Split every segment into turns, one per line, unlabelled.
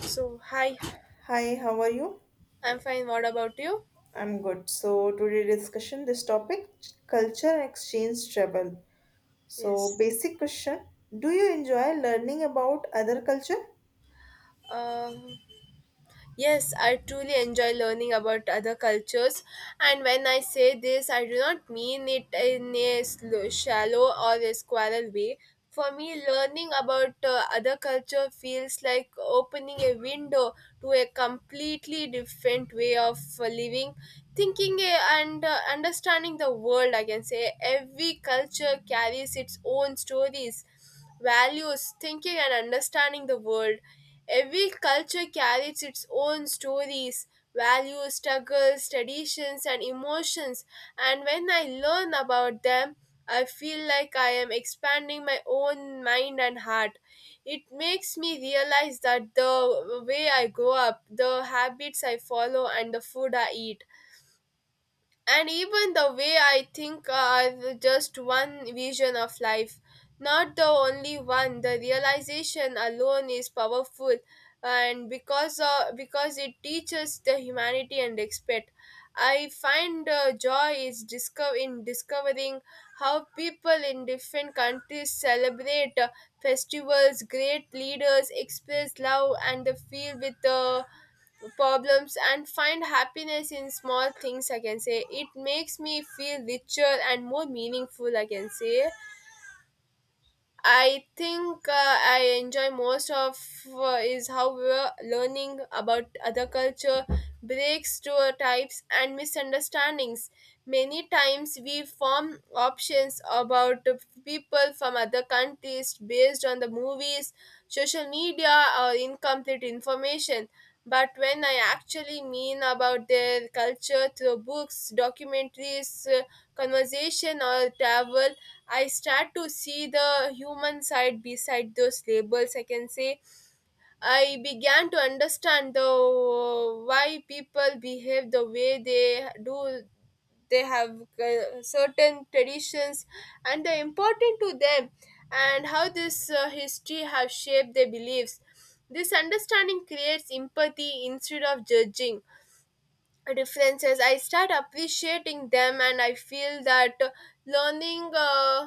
So, hi,
Hi, how are you?
I'm fine. What about you?
I'm good. So today discussion this topic culture and exchange travel. So
Yes.
basic question, do you enjoy learning about other culture?
Um, Yes, I truly enjoy learning about other cultures, and when I say this, I do not mean it in a shallow or a squirrel way. For me, learning about other culture feels like opening a window to a completely different way of living, thinking, and understanding the world. I can say every culture carries its own stories, values, thinking, and understanding the world. Every culture carries its own stories, values, struggles, traditions, and emotions, and when I learn about them, I feel like I am expanding my own mind and heart. It makes me realize that the way I grow up, the habits I follow, and the food I eat and even the way I think are just one vision of life, not the only one. The realization alone is powerful, and because it teaches the humanity and respect. I find joy is discover in discovering how people in different countries celebrate festivals, great leaders express love and the feel with problems and find happiness in small things. I can say it makes me feel richer and more meaningful. I can say I think I enjoy most of is how we learning about other culture, breaks stereotypes and misunderstandings. Many times we form options about people from other countries based on the movies, social media, or incomplete information. But when I actually mean about their culture through books, documentaries, conversation, or travel, I start to see the human side beside those labels. I can say I began to understand the why people behave the way they do. They have certain traditions and they're important to them, and how this history has shaped their beliefs. This understanding creates empathy instead of judging references. I start appreciating them and I feel that uh, learning uh,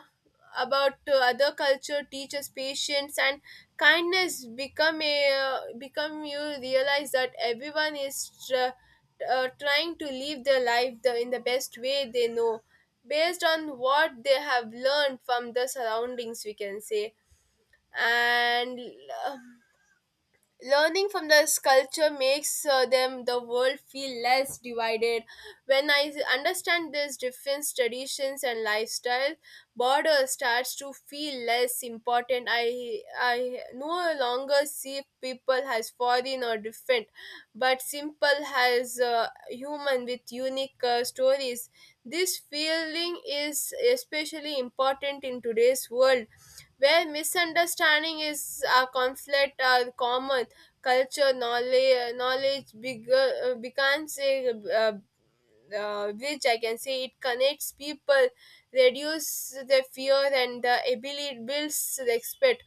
about uh, other culture teaches patience and kindness become a become you realize that everyone is trying to live their life the, in the best way they know based on what they have learned from the surroundings, we can say. And uh, learning from the sculpture makes them the world feel less divided. When I understand this different traditions and lifestyle, border starts to feel less important. I no longer see people as foreign or different, but simple as human with unique stories. This feeling is especially important in today's world where misunderstanding is a conflict are common. Culture knowledge bigger, becomes a, uh, which I can say it connects people, reduce the fear and the ability builds respect.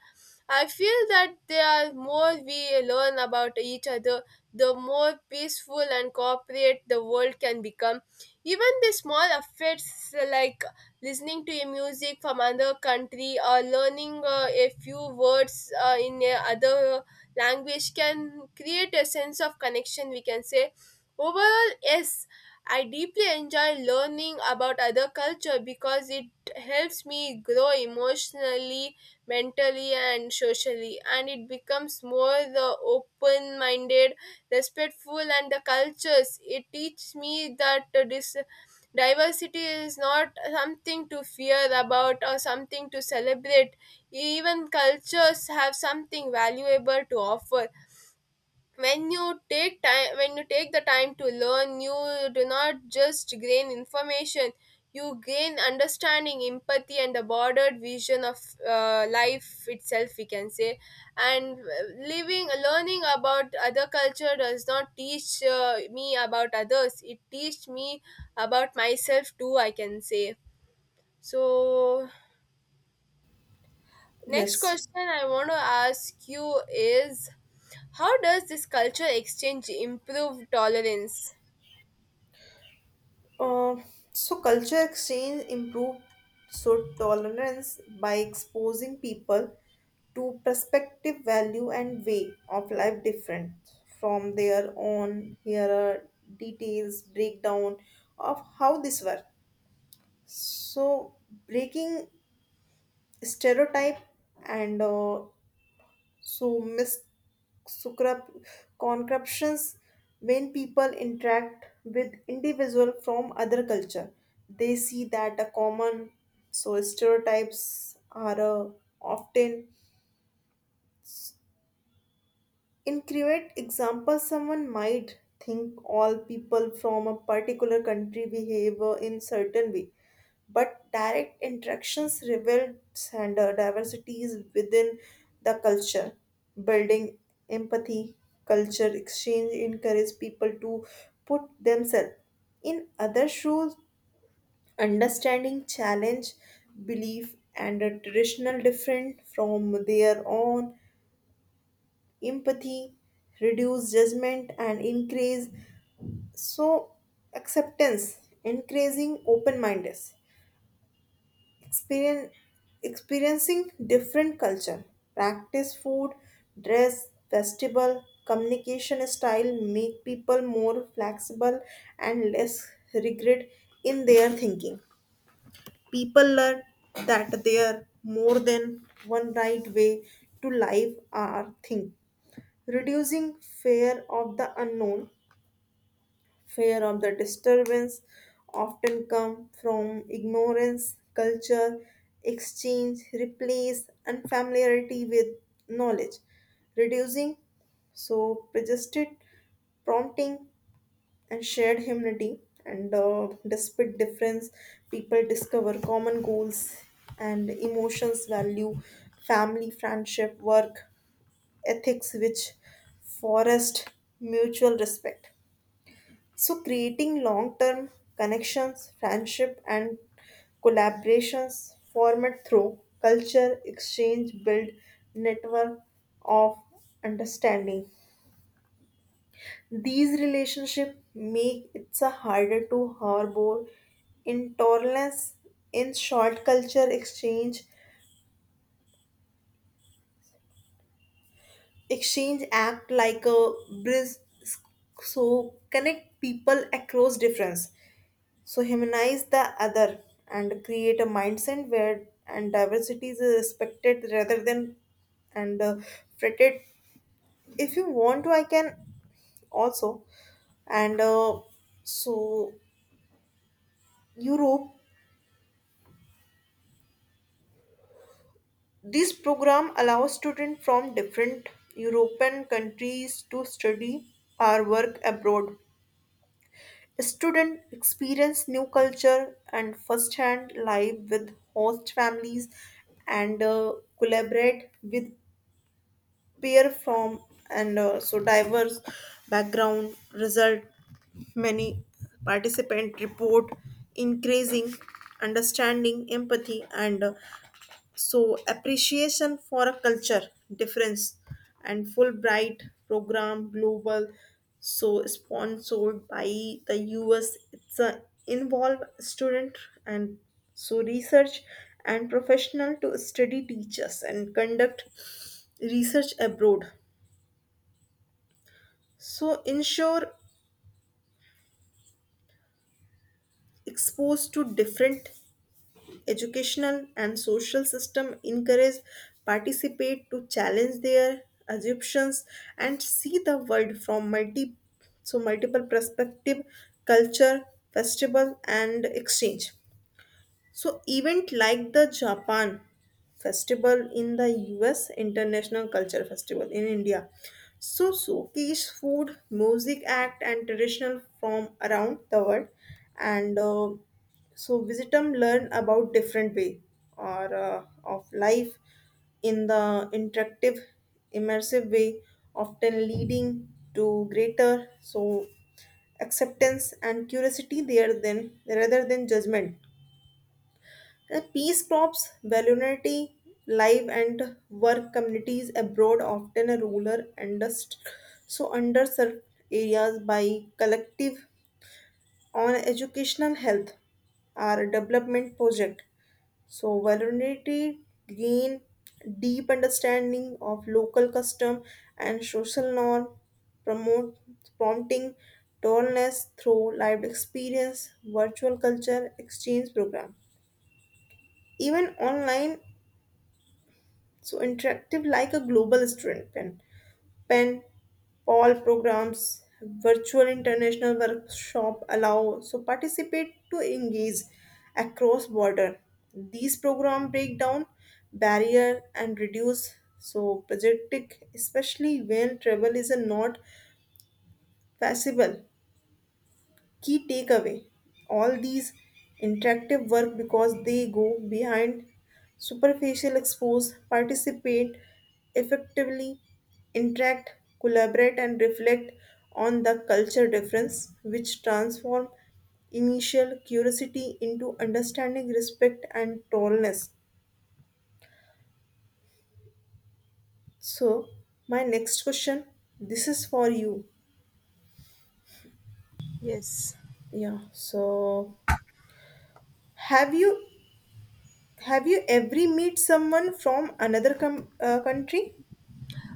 I feel that the more we learn about each other, the more peaceful and cooperate the world can become. Even the small affairs like listening to a music from another country or learning a few words in a other language can create a sense of connection. We can say overall, yes, I deeply enjoy learning about other culture because it helps me grow emotionally, mentally and socially, and it becomes more the open-minded, respectful and the cultures. It teaches me that this diversity is not something to fear about or something to celebrate. Even cultures have something valuable to offer. When you take time when you take the time to learn, you do not just gain information, you gain understanding, empathy and a broader vision of life itself, we can say. And living learning about other culture does not teach me about others, it teach me about myself too. I can say so next
Yes.
question I want to ask you is how does this culture exchange improve tolerance.
Uh, so culture exchange improve so tolerance by exposing people to perspective, value, and way of life different from their own. Here are details breakdown of how this work. So breaking stereotype and so sucrup- concreptions when people interact with individual from other culture, they see that a common so stereotypes are often incorrect. Example, someone might think all people from a particular country behave in certain way, but direct interactions revealed gender diversities within the culture. Building empathy, culture exchange encourage people to put themselves in other shoes, understanding challenge, belief and a traditional different from their own. Empathy reduce judgment and increase so acceptance, increasing open mindedness. Experience, experiencing different culture, practice food, dress, festival, communication style make people more flexible and less rigid in their thinking. People learn that there are more than one right way to live or think, reducing fear of the unknown. Fear of the disturbance often come from ignorance. Culture exchange replace, and familiarity with knowledge, reducing so suggested prompting and shared humanity. And despite difference, people discover common goals and emotions value family, friendship, work ethics, which forest mutual respect. So creating long term connections, friendship, and collaborations formed through culture exchange build network of understanding. These relationships make it so harder to harbor intolerance. In short, culture exchange. Exchange act like a bridge so connect people across difference. So humanize the other and create a mindset where and diversity is respected rather than and fretted. If you want to, I can also and so Europe. This program allows students from different European countries to study or work abroad. Students experience new culture and first-hand life with host families, and collaborate with peer from and so diverse background. Result, many participant report increasing understanding, empathy, and so appreciation for a culture difference. And Fulbright program global, so sponsored by the US, it's a involve student and so research and professional to study teachers and conduct research abroad, so ensure exposed to different educational and social system, encourage participate to challenge their assumptions and see the world from multi so multiple perspective. Culture festival and exchange, so event like the Japan Festival in the US, International Culture Festival in India. So showcase food, music act and traditional from around the world, and so visit them, learn about different way or of life in the interactive immersive way, often leading to greater so acceptance and curiosity there than rather than judgment. Peace crops, valorinity, live and work communities abroad, often a rural and so underserved areas by collective on educational health are a development project. So valorinity gain deep understanding of local custom and social norm, promote prompting tallness through lived experience, virtual culture exchange program. Even online, so interactive like a global student pen, all programs, virtual international workshop allow so participate to engage across border. These program break down barrier and reduce so projectic, especially when travel is not possible. Key takeaway, all these interactive work because they go behind superficial expose, participate effectively, interact, collaborate, and reflect on the culture difference, which transform initial curiosity into understanding, respect, and tolerance. So my next question, this is for you.
Yes.
Yeah, so have you Have you ever meet someone from another country?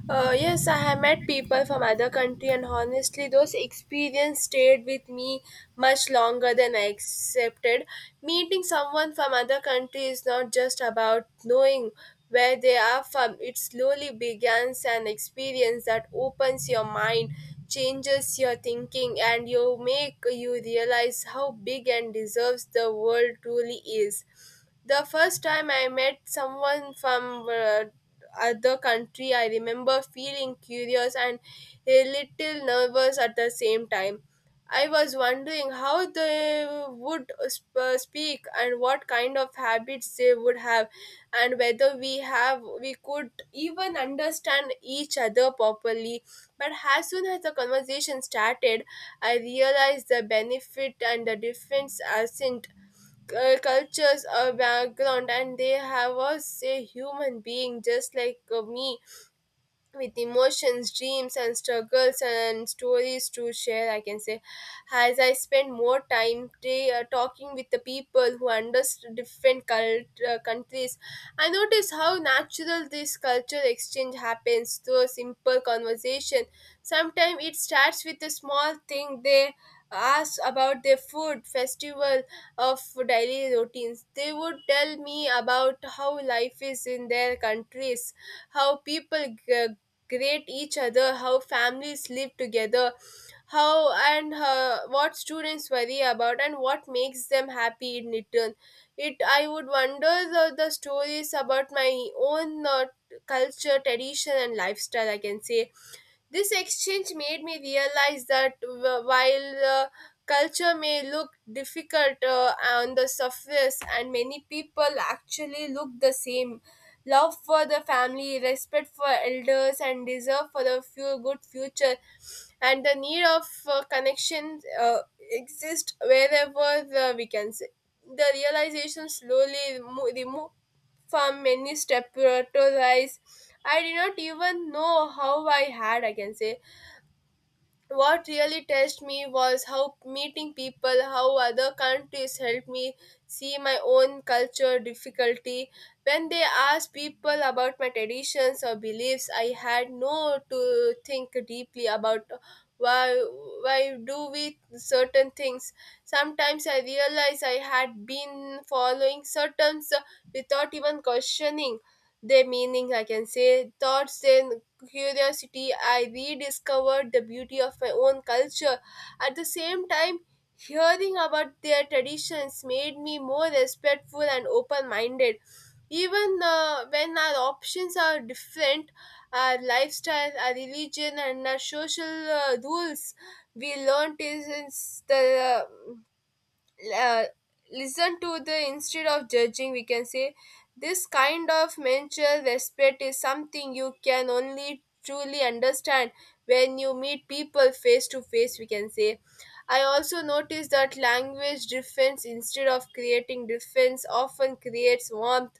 Yes, I have met people from other country and honestly those experience stayed with me much longer than I accepted. Meeting someone from other country is not just about knowing where they are from. It slowly begins an experience that opens your mind, changes your thinking and you make you realize how big and deserves the world truly is. The first time I met someone from other country, I remember feeling curious and a little nervous at the same time. I was wondering how they would speak and what kind of habits they would have, and whether we could even understand each other properly. But as soon as the conversation started, I realized the benefit and the difference isn't cultures a background, and they have us a say human being just like me with emotions, dreams, and struggles and stories to share, I can say. As I spend more time talking with the people who understand different countries, I notice how natural this culture exchange happens through a simple conversation. Sometimes it starts with a small thing they ask about their food, festival, of daily routines. They would tell me about how life is in their countries, how people great each other, how families live together, how and what students worry about and what makes them happy. In return it I would wonder the stories about my own culture tradition and lifestyle, I can say. This exchange made me realize that while culture may look difficult on the surface, and many people actually look the same: love for the family, respect for elders, and desire for a few good future, and the need of connection exist wherever we can say. The realization slowly remove from many step to rise. I did not even know how I had, I can say. What really touched me was how meeting people how other countries helped me see my own culture difficulty. When they asked people about my traditions or beliefs, I had no to think deeply about why why do we certain things. Sometimes I realized I had been following certain without even questioning their meaning, I can say thoughts, then curiosity. I rediscovered the beauty of my own culture. At the same time, hearing about their traditions made me more respectful and open minded. Even when our options are different, our lifestyle, our religion, and our social rules, we learn to sense the uh, listen to the instead of judging, we can say. This kind of mutual respect is something you can only truly understand when you meet people face to face, we can say. I also noticed that language difference instead of creating difference often creates warmth.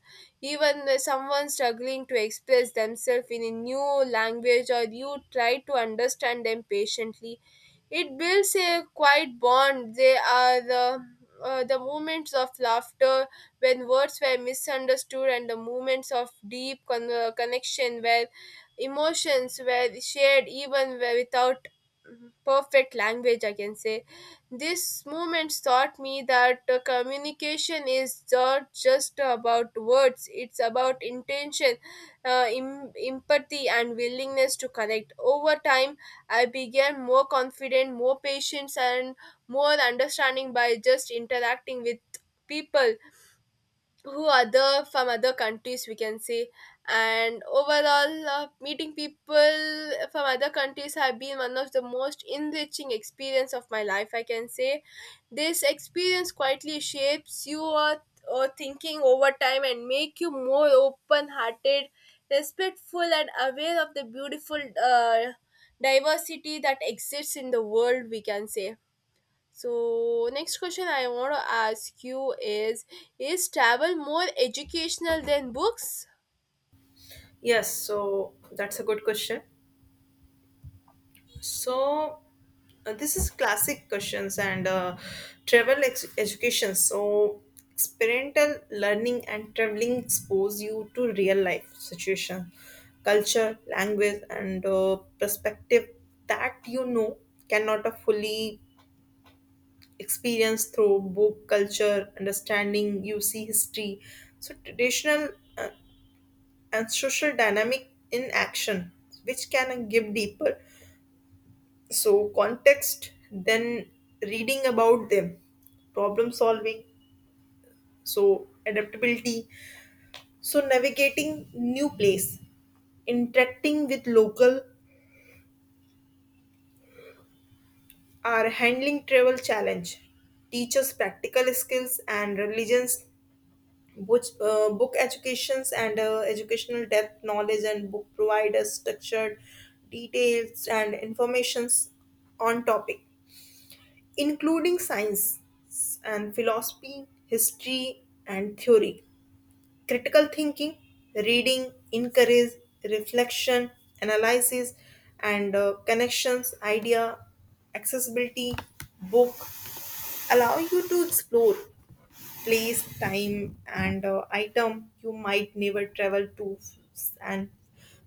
Even when someone struggling to express themselves in a new language or you try to understand them patiently, it builds a quiet bond. They are the moments of laughter when words were misunderstood, and the moments of deep connection where emotions were shared, even where without perfect language, I can say. This moment taught me that communication is not just about words, it's about intention, empathy and willingness to connect over time. I began more confident, more patient, and more understanding by just interacting with people who other from other countries, we can say. And overall, meeting people from other countries have been one of the most enriching experience of my life, I can say. This experience quietly shapes your thinking over time and make you more open hearted, respectful and aware of the beautiful diversity that exists in the world, we can say. So next question I want to ask you is travel more educational than books?
Yes, so that's a good question. So this is classic questions and travel education. So experiential learning and traveling expose you to real life situation, culture, language, and perspective that you know cannot fully experience through book, culture, understanding. You see history, so traditional, uh, and social dynamic in action, which can give deeper so context than reading about them. Problem solving, so adaptability, so navigating new place, interacting with local, or handling travel challenge, teaches practical skills and religions. Book educations and educational depth knowledge, and book provide us structured details and informations on topic including science and philosophy, history and theory. Critical thinking, reading encourage reflection, analysis, and connections idea. Accessibility, book allow you to explore place, time, and item you might never travel to and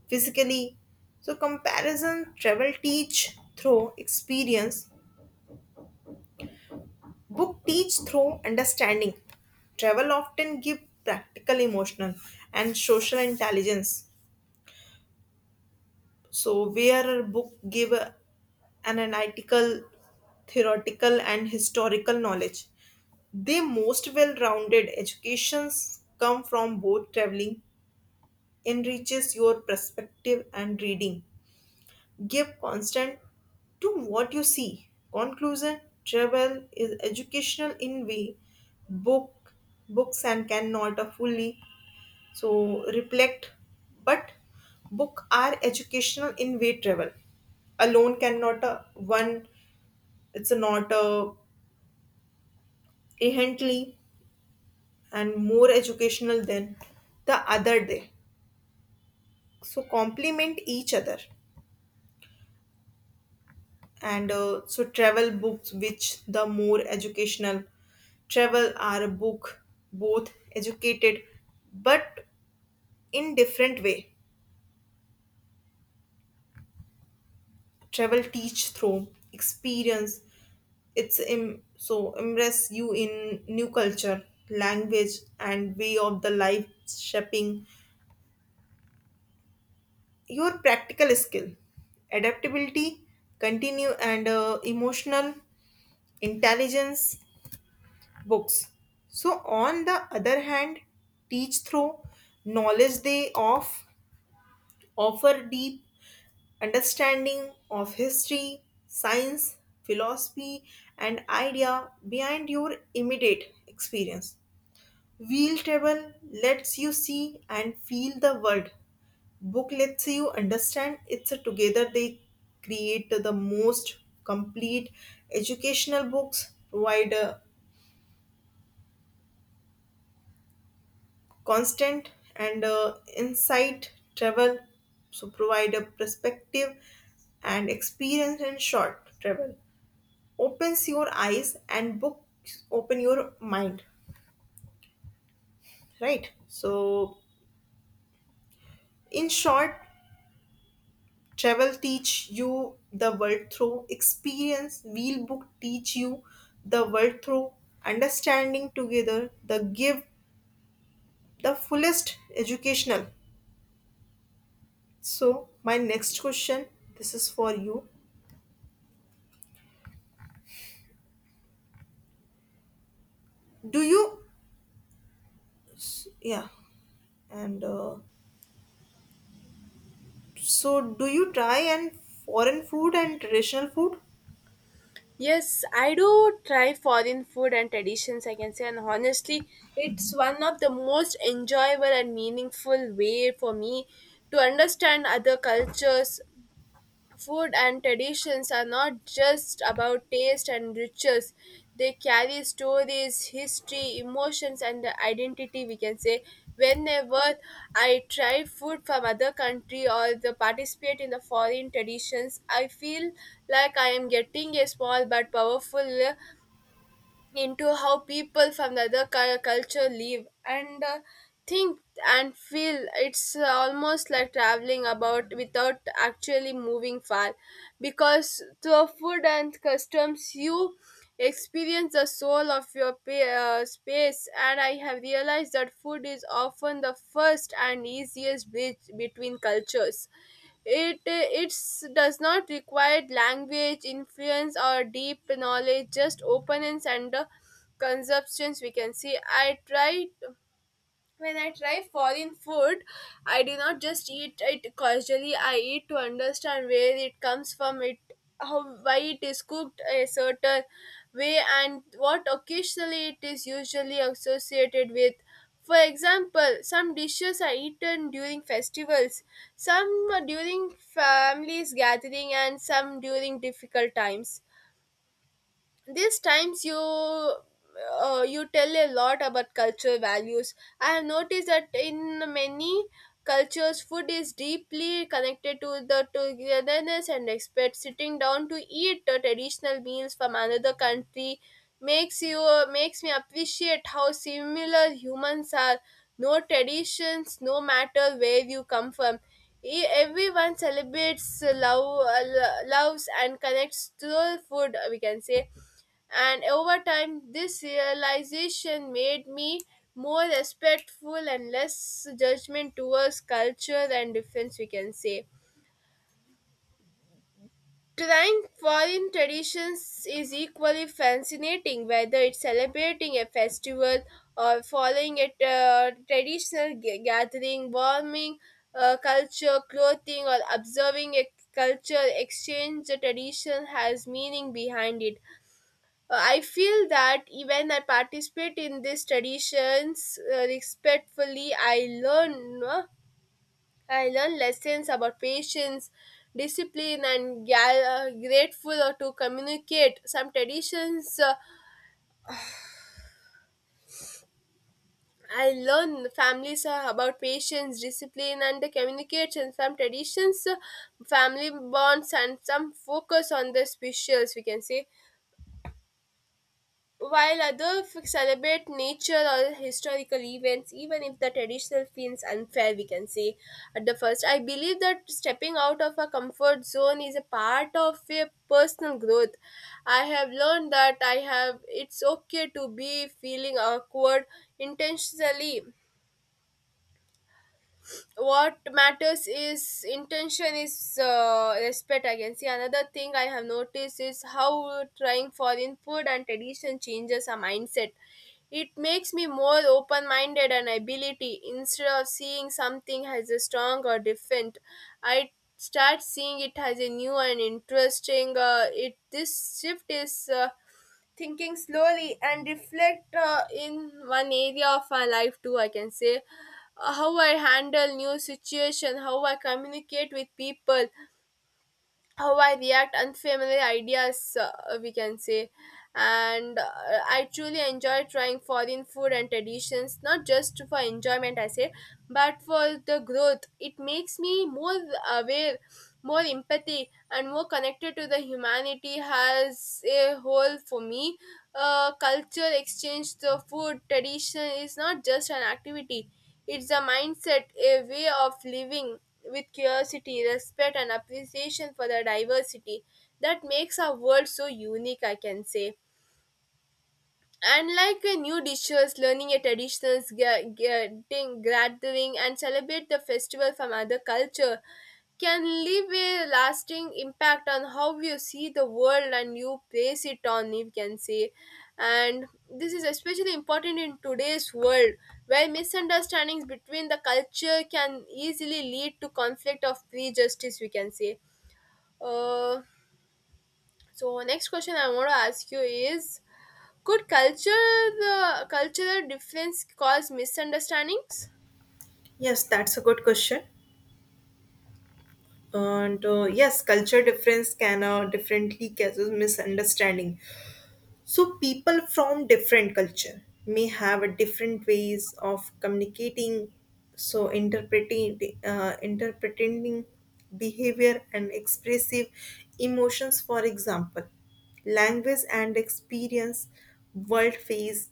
physically. So comparison, travel teach through experience, book teach through understanding. Travel often give practical, emotional, and social intelligence. So where a book give analytical, theoretical, and historical knowledge. They most well-rounded educations come from both, traveling enriches your perspective and reading. Give constant to what you see. Conclusion, travel is educational in way book books and cannot fully so reflect, but book are educational in way travel alone cannot one. It's not inherently and more educational than the other. Day, so complement each other and so travel books, which the more educational. Travel are a book, both educated, but in different way. Travel teach through experience, it's so immerse you in new culture, language, and way of the life, shaping your practical skill, adaptability, continue and emotional intelligence. Books, so on the other hand, teach through knowledge. They offer deep understanding of history, science, philosophy, and idea behind your immediate experience. Wheel table lets you see and feel the world. Book lets you understand it's a, together they create the most complete educational. Books provide a constant and insight, travel so provide a perspective and experience. In short, travel opens your eyes and books open your mind. Right, so in short, travel teach you the world through experience, wheel book teach you the world through understanding. Together, the give the fullest educational. So my next question, this is for you, do you Yeah. And so, do you try and foreign food and traditional food?
Yes, I do try foreign food and traditions, I can say, and honestly it's one of the most enjoyable and meaningful way for me to understand other cultures. Food and traditions are not just about taste and rituals, they carry stories, history, emotions, and the identity. We can say, whenever I try food from other country or the participate in the foreign traditions, I feel like I am getting a small but powerful into how people from the other culture live and think and feel. It's almost like traveling about without actually moving far, because through food and customs you experience the soul of your space. And I have realized that food is often the first and easiest bridge between cultures. It it's does not require language influence or deep knowledge, just openness and the conceptions, we can see. I tried when I try foreign food, I do not just eat it casually. I eat to understand where it comes from, it how why it is cooked a certain way, and what occasionally it is usually associated with. For example, some dishes are eaten during festivals, some during families gathering, and some during difficult times. These times you you tell a lot about cultural values. I have noticed that in many cultures, food is deeply connected to the togetherness and respect. Sitting down to eat the traditional meals from another country makes you makes me appreciate how similar humans are. No traditions, no matter where you come from, everyone celebrates love loves and connects through food, we can say. And over time, this realization made me more respectful and less judgment towards culture and difference, we can say. Trying foreign traditions is equally fascinating, whether it's celebrating a festival or following a traditional gathering, warming culture, clothing, or observing a culture exchange. The tradition has meaning behind it. I feel that even I participate in these traditions respectfully, I learn no? I learn lessons about patience, discipline, and grateful to communicate. Some traditions I learn families about patience, discipline, and the communication. Some traditions, family bonds, and some focus on the specials. We can say, while others celebrate nature or historical events, even if the traditional feels unfair, we can say at the first. I believe that stepping out of a comfort zone is a part of a personal growth. I have learned that I have it's okay to be feeling awkward intentionally. What matters is intention is respect, I can see. Another thing I have noticed is how trying foreign food and tradition changes our mindset. It makes me more open-minded and ability. Instead of seeing something as a strong or different, I start seeing it as a new and interesting it this shift is thinking slowly and reflect in one area of my life too, I can say. How I handle new situation, how I communicate with people, how I react unfamiliar ideas, we can say. And I truly enjoy trying foreign food and traditions, not just for enjoyment, I say, but for the growth. It makes me more aware, more empathy, and more connected to the humanity as a whole for me. Culture exchange, the food tradition is not just an activity. It's a mindset, a way of living with curiosity, respect, and appreciation for the diversity that makes our world so unique, I can say. And like new dishes, learning a traditions, getting gathering and celebrate the festival from other culture can leave a lasting impact on how you see the world and you place it on, you can say. And this is especially important in today's world where misunderstandings between the culture can easily lead to conflict of prejudice, we can say. uh, so next question I want to ask you is, could culture the cultural difference cause misunderstandings?
Yes, that's a good question. And yes, culture difference can differently causes misunderstanding. So people from different culture may have a different ways of communicating, so interpreting behavior and expressive emotions. For example, language and experience, world face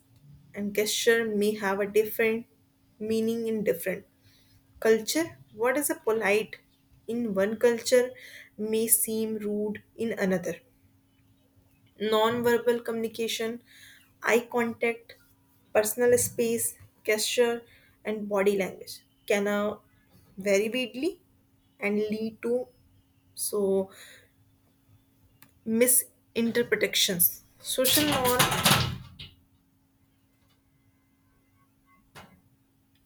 and gesture may have a different meaning in different culture. What is a polite in one culture may seem rude in another. Non-verbal communication, eye contact, personal space, gesture, and body language can vary widely and lead to so misinterpretations. Social norm,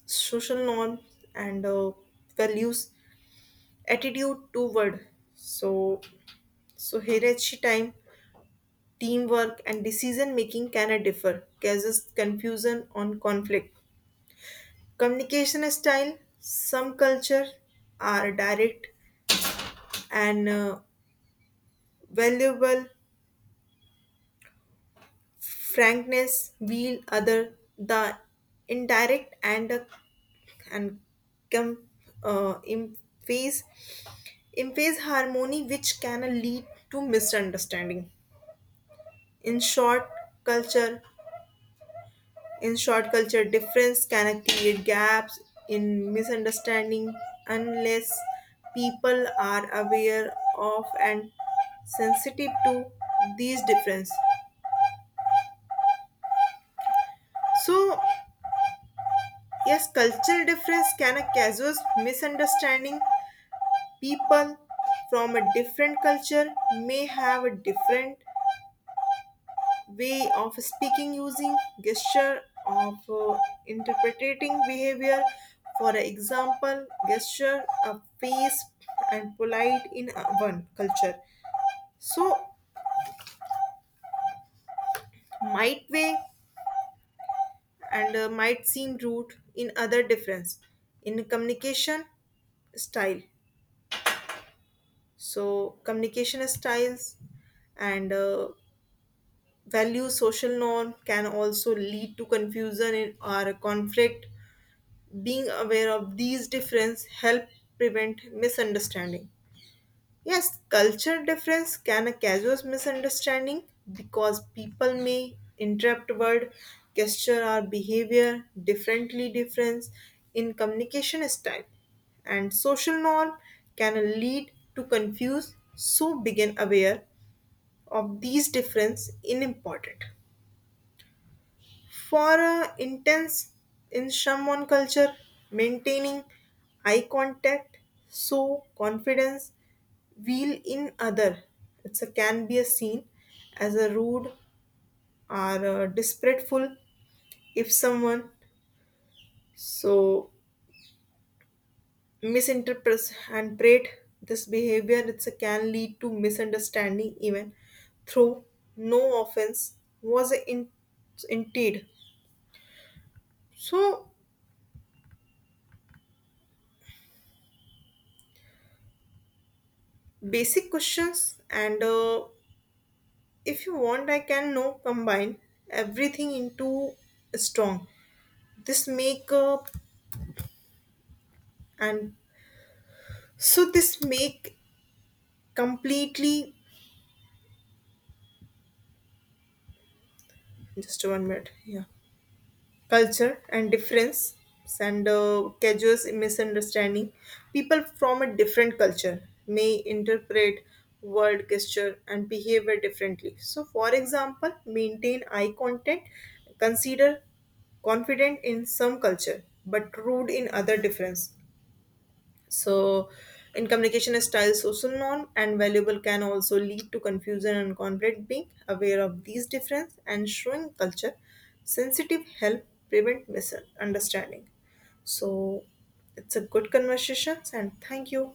social norms, and values, attitude toward so so hierarchy, time, teamwork, and decision making can differ, causes confusion on conflict. Communication style, some culture are direct and valuable frankness, while other the indirect and and com, uh, emphasize emphasize harmony, which can lead to misunderstanding. In short culture In short, culture difference can create gaps in misunderstanding unless people are aware of and sensitive to these difference. So yes, cultural difference can a casual misunderstanding. People from a different culture may have a different way of speaking, using gesture of interpreting behavior. For example, gesture a face and polite in one culture so might way and might seem rude in other. Difference in communication style, so communication styles and value social norm can also lead to confusion or conflict. Being aware of these differences help prevent misunderstanding. Yes, culture difference can cause misunderstanding because people may interpret word, gesture or behavior differently. Difference in communication style and social norm can lead to confuse, so begin aware of these difference is important. For a intense, in someone culture, maintaining eye contact, so confidence wheel in other, it's a, can be a seen as a rude or a disrespectful. If someone so misinterprets and prate this behavior, it's a, can lead to misunderstanding even through no offense was a in, indeed. So basic questions and. If you want, I can now combine everything into strong. This makeup and so this make completely just one minute. Yeah, culture and difference and casual misunderstanding. People from a different culture may interpret word, gesture and behavior differently. So for example, maintain eye contact. Consider confident in some culture but rude in other difference. So in communication styles, social norm and valuable can also lead to confusion and conflict. Being aware of these difference and showing culture sensitive help prevent misunderstanding. So it's a good conversation and thank you.